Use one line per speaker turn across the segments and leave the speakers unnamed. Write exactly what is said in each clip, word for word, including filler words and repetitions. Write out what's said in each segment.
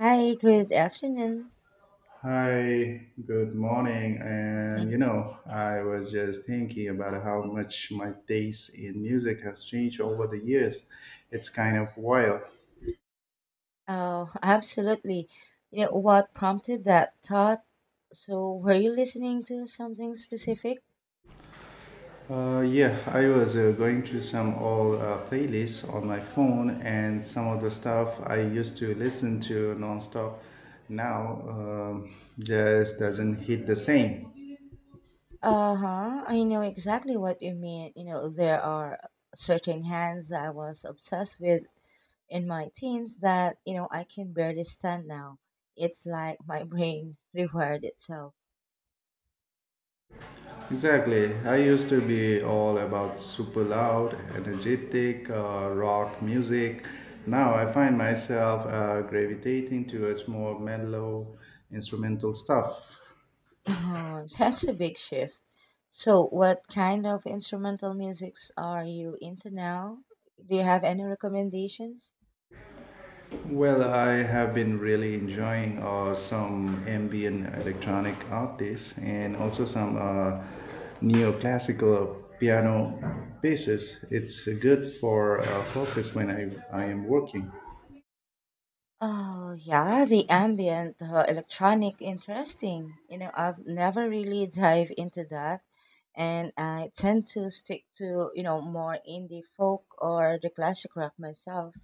Hi, good afternoon.
Hi, good morning. And you know, I was just thinking about how much my taste in music has changed over the years. It's kind of wild.
Oh, absolutely. You know what prompted that thought? So, were you listening to something specific?
Uh, yeah, I was uh, going through some old uh, playlists on my phone, and some of the stuff I used to listen to nonstop now um, just doesn't hit the same.
Uh huh. I know exactly what you mean. You know, there are certain hands that I was obsessed with in my teens that, you know, I can barely stand now. It's like my brain rewired itself.
Exactly. I used to be all about super loud, energetic uh, rock music. Now I find myself uh, gravitating towards more mellow instrumental stuff.
Oh, that's a big shift. So, what kind of instrumental musics are you into now? Do you have any recommendations?
Well, I have been really enjoying uh, some ambient electronic artists and also some uh, neoclassical piano pieces. It's good for uh, focus when I, I am working.
Oh, yeah, the ambient, uh, electronic, interesting. You know, I've never really dive into that, and I tend to stick to, you know, more indie folk or the classic rock myself.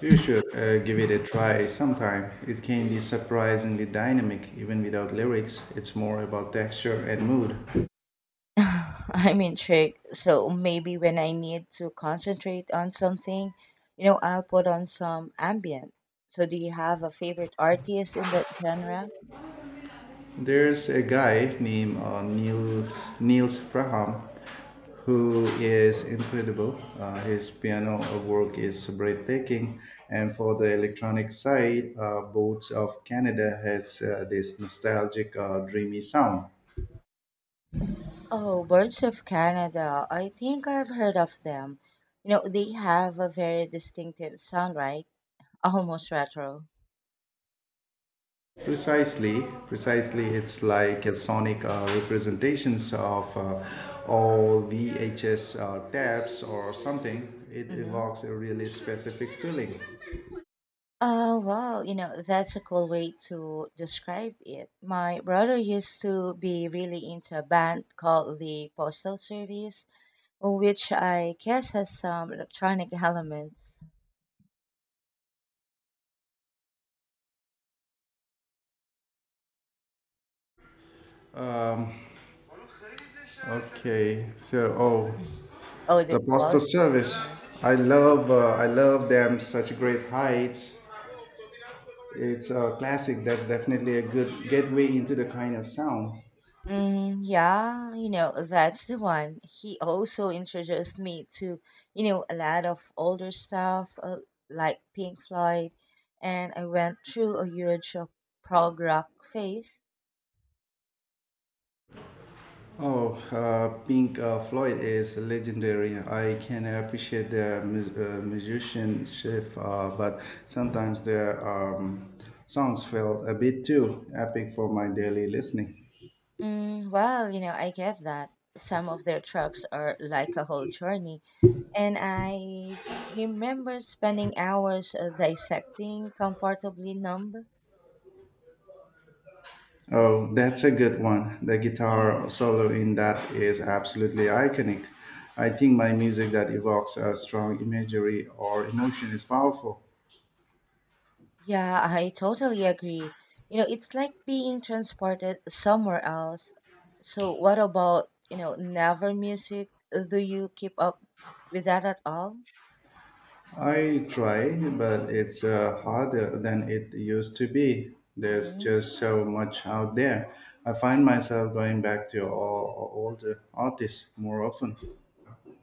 You should uh, give it a try sometime. It can be surprisingly dynamic even without lyrics. It's more about texture and mood.
I'm intrigued. So maybe when I need to concentrate on something, you know, I'll put on some ambient. So do you have a favorite artist in that genre?
There's a guy named uh, Niels Niels Fraham who is incredible. Uh, his piano work is breathtaking, and for the electronic side, uh, Boats of Canada has uh, this nostalgic, uh, dreamy sound.
Oh, Birds of Canada. I think I've heard of them. You know, they have a very distinctive sound, right? Almost retro.
Precisely, precisely. It's like a sonic uh, representations of uh, all V H S uh, tapes or something. It
Mm-hmm.
evokes a really specific feeling.
Uh, well, you know, that's a cool way to describe it. My brother used to be really into a band called the Postal Service. Which I guess has some electronic elements.
Um, okay, so oh,
Oh,
the
the
postal
pulse.
service.
uh
I love, uh, I love them. Such great heights. It's a classic. That's definitely a good gateway into the kind of sound.
Mm, yeah, you know, that's the one. He also introduced me to, you know, a lot of older stuff uh, like Pink Floyd, and I went through a huge uh, prog rock phase.
Oh, uh, Pink uh, Floyd is legendary. I can appreciate their mus- uh, musicianship, uh, but sometimes their um, songs felt a bit too epic for my daily listening.
Mm, well, you know, I get that. Some of their tracks are like a whole journey, and I remember spending hours uh, dissecting Comfortably Numb.
Oh, that's a good one. The guitar solo in that is absolutely iconic. I think my music that evokes a strong imagery or emotion is powerful.
Yeah, I totally agree. You know, it's like being transported somewhere else. So, what about, you know, never music? Do you keep up with that at all?
I try, but it's uh, harder than it used to be. There's
hmm
just so much out there. I find myself going back to all, older artists more often.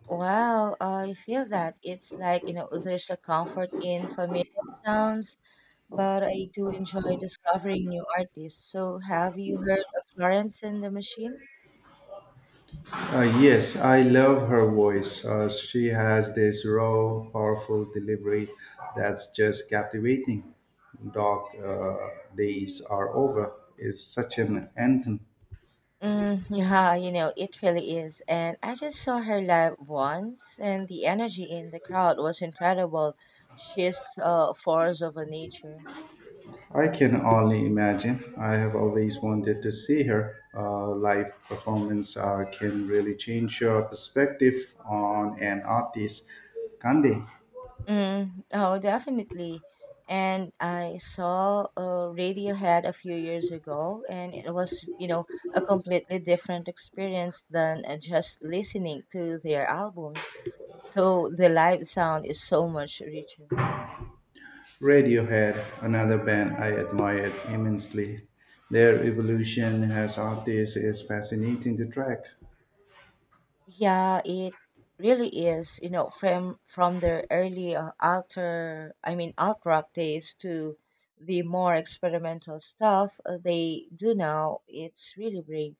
Well, I feel that it's like, you know, there's a comfort in familiar sounds, but I do enjoy discovering new artists. So, have you heard of Florence and the Machine?
Uh, yes, I love her voice. Uh, she has this raw, powerful delivery that's just captivating. Dark uh, days are over. It's such an anthem.
Mm, yeah, you know, it really is. And I just saw her live once, and the energy in the crowd was incredible. She's a force of a nature.
I can only imagine. I have always wanted to see her uh, live performance. Uh, can really change your perspective on an artist, can't they?
Mm, oh, definitely. And I saw uh, Radiohead a few years ago, and it was, you know, a completely different experience than uh, just listening to their albums. So the live sound is so much richer.
Radiohead, another band I admired immensely. Their evolution as artists is fascinating to track.
Yeah, it really is. You know, from from their early uh, alter, I mean alt rock days to the more experimental stuff uh, they do now, it's really brave.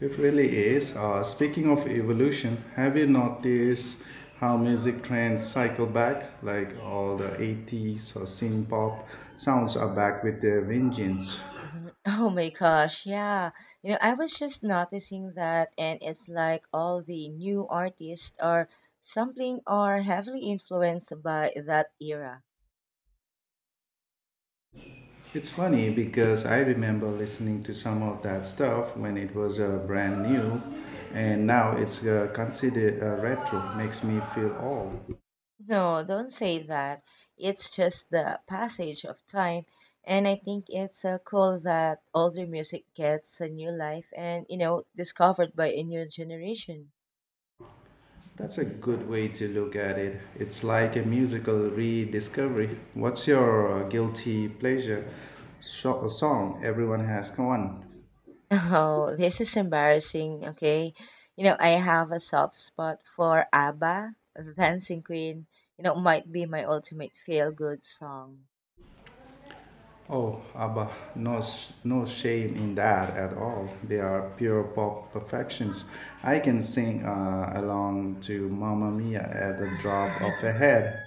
It really is. Uh, speaking of evolution, have you noticed how music trends cycle back? Like all the eighties or synth pop sounds are back with their vengeance.
Mhm. Oh my gosh, yeah. You know, I was just noticing that, and it's like all the new artists are sampling or heavily influenced by that era.
It's funny because I remember listening to some of that stuff when it was uh, brand new, and now it's uh, considered uh, retro. Makes me feel old.
No, don't say that. It's just the passage of time. And I think it's uh, cool that older music gets a new life and, you know, discovered by a new generation.
That's a good way to look at it. It's like a
hmm
musical rediscovery. What's your uh, guilty pleasure so- song? Everyone has one.
Oh, this is embarrassing, okay? You know, I have a soft spot for ABBA, the Dancing Queen. You know, might be my ultimate feel good song.
Oh, ABBA. No, s- no shame in that at all. They are pure pop perfections. I can sing uh, along to Mamma Mia at the drop of a head.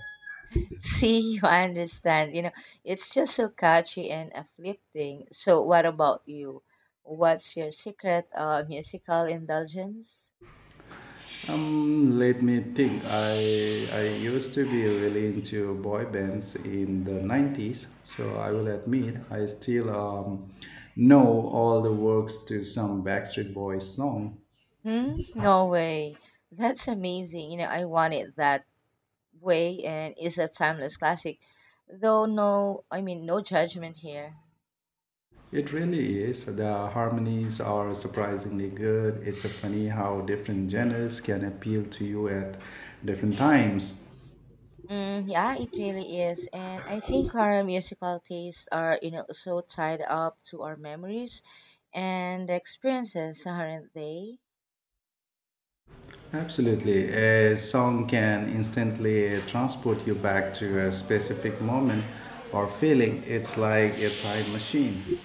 See, you understand. You know, it's just so catchy and uplifting. So, what about you? What's your secret uh, musical indulgence?
Um, let me think. I I used to be really into boy bands in the nineties, so I will admit I still um, know all the works to some Backstreet Boys song.
Hmm? No way. That's amazing. You know, I want it that way, and it's a timeless classic. Though, no, I mean, no judgment here.
It really is. The harmonies are surprisingly good. It's a funny how different genres can appeal to you at different times.
Mm, yeah, it really is. And I think our musical tastes are, you know, so tied up to our memories and experiences, aren't they?
Absolutely. A song can instantly transport you back to a specific moment or feeling. It's like a time machine.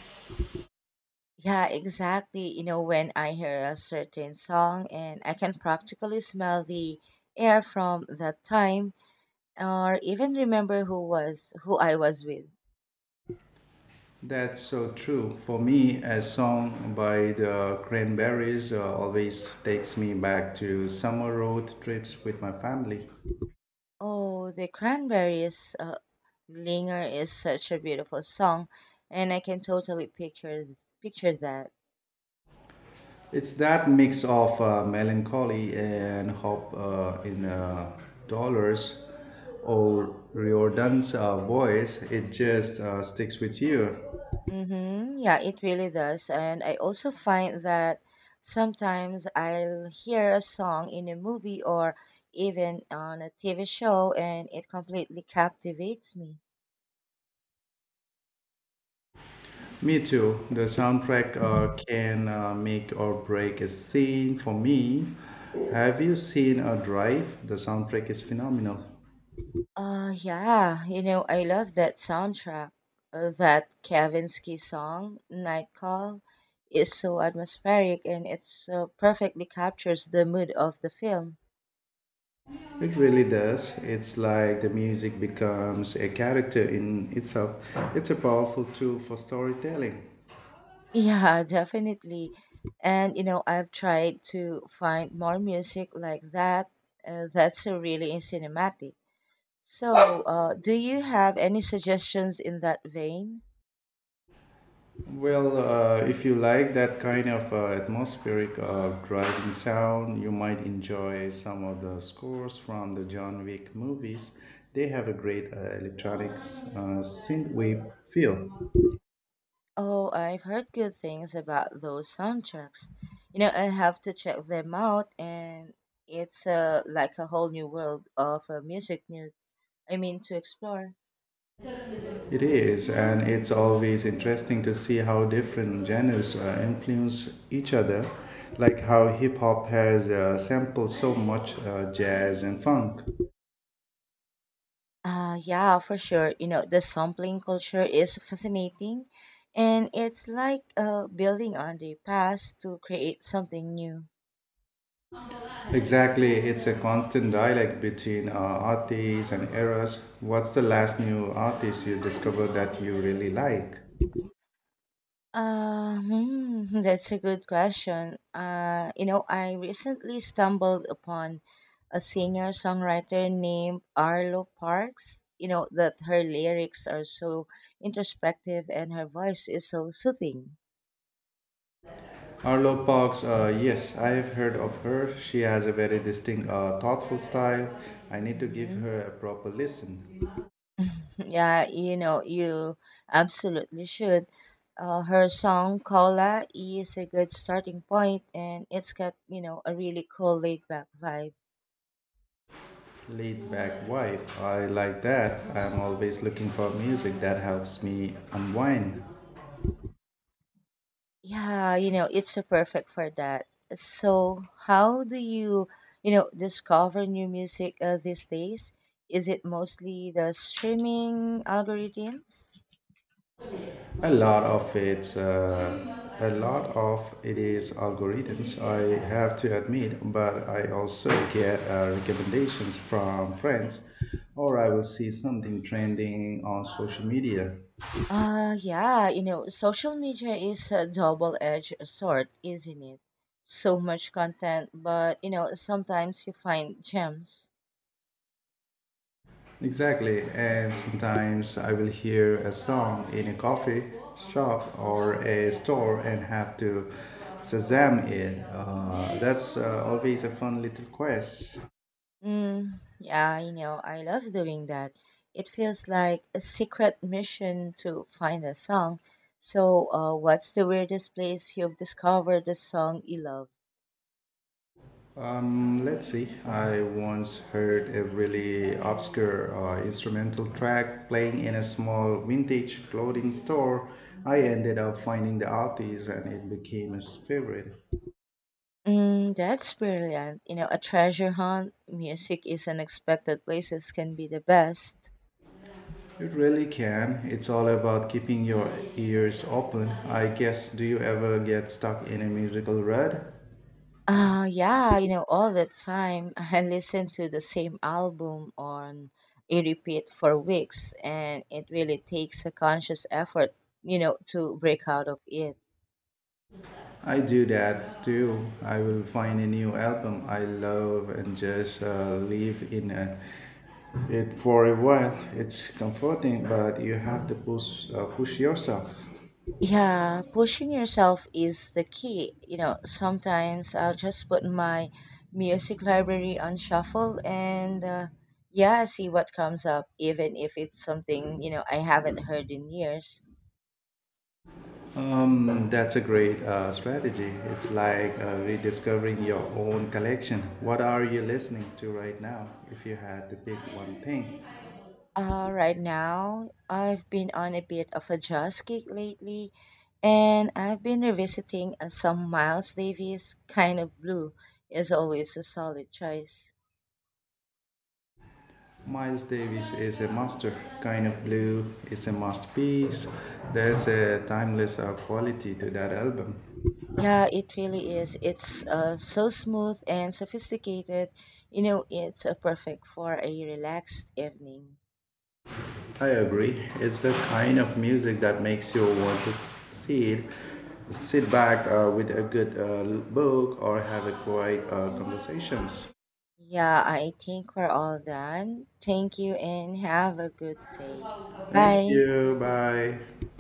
Yeah, exactly. You know, when I hear a certain song and I can practically smell the air from that time or even remember who was who I was with.
That's so true. For me, a song by the Cranberries uh, always takes me back to summer road trips with my family.
Oh, the Cranberries uh, Linger is such a beautiful song and I can totally picture picture that.
It's that mix of uh, melancholy and hope uh, in uh, dollars or Riordan's uh, voice. It just uh, sticks with you.
Mm-hmm. Yeah, it really does. And I also find that sometimes I'll hear a song in a movie or even on a T V show and it completely captivates me.
Me too. The soundtrack uh, can uh, make or break a scene for me. Have you seen a drive? The soundtrack is phenomenal.
Uh, yeah, you know, I love that soundtrack. Uh, That Kavinsky song, Night Call, is so atmospheric and it so perfectly captures the mood of the film.
It really does. It's like the music becomes a character in itself. It's a powerful tool for storytelling.
Yeah, definitely. And you know, I've tried to find more music like that. Uh, that's a really cinematic. So, uh, do you have any suggestions in that vein?
Well, uh, if you like that kind of uh, atmospheric uh, driving sound, you might enjoy some of the scores from the John Wick movies. They have a great uh, electronics uh, synthwave feel.
Oh, I've heard good things about those soundtracks. You know, I have to check them out, and it's uh, like a whole new world of uh, music news. I mean, to explore.
It is, and it's always interesting to see how different genres uh, influence each other, like how hip hop has uh, sampled so much uh, jazz and funk.
Uh, yeah, for sure. You know, the sampling culture is fascinating, and it's like uh, building on the past to create something new.
Exactly, it's a constant dialogue between uh, artists and errors. What's the last new artist you discovered that you really like?
Uh, hmm, that's a good question. Uh, you know, I recently stumbled upon a singer songwriter named Arlo Parks. You know, that her lyrics are so introspective and her voice is so soothing.
Arlo Parks, uh, yes, I have heard of her. She has a very distinct, uh, thoughtful style. I need to give
Mm-hmm.
her a proper listen.
Yeah, you know, you absolutely should. Uh, her song Cola is a good starting point and it's got, you know, a really cool laid back vibe.
Laid back vibe, I like that. I'm always looking for music that helps me unwind.
Yeah, you know, it's a perfect for that. So, how do you, you know, discover new music uh, these days? Is it mostly the streaming algorithms?
A lot of it's uh, a lot of it is algorithms, I have to admit, but I also get uh, recommendations from friends, or I will see something trending on social media.
Uh, yeah, you know, social media is a double-edged sword, isn't it? So much content, but you know, sometimes you find gems.
Exactly, and sometimes I will hear a song in a coffee shop or a store and have to shazam it. Uh, that's uh, always a fun little quest.
Mm, yeah, you know, I love doing that. It feels like a secret mission to find a song. So, uh, what's the weirdest place you've discovered a song you love?
Um, let's see. I once heard a really obscure uh, instrumental track playing in a small vintage clothing store. I ended up finding the artist and it became a favorite.
Mm, that's brilliant. You know, a treasure hunt, music is unexpected places can be the best.
It really can. It's all about keeping your ears open. I guess, do you ever get stuck in a musical rut?
Uh, yeah, you know, all the time. I listen to the same album on a repeat for weeks, and it really takes a conscious effort, you know, to break out of it.
I do that too. I will find a new album I love and just uh, live in a it for a while. It's comforting, but you have to push uh, push yourself.
Yeah, pushing yourself is the key. You know, sometimes I'll just put my music library on shuffle and uh, yeah, see what comes up, even if it's something, you know, I haven't heard in years.
Um, that's a great uh, strategy. It's like uh, rediscovering your own collection. What are you listening to right now? If you had to pick one thing,
Uh, right now, I've been on a bit of a jazz kick lately, and I've been revisiting uh, some Miles Davis. Kind of Blue is always a solid choice.
Miles Davis is a master. Kind of Blue is a masterpiece. There's a timeless uh, quality to that album.
Yeah, it really is. It's uh, so smooth and sophisticated. You know, it's uh, perfect for a relaxed evening.
I agree. It's the kind of music that makes you want to sit, sit back uh, with a good uh, book or have a quiet uh, conversations.
Yeah, I think we're all done. Thank you and have a good day.
Thank
Bye.
you. Bye.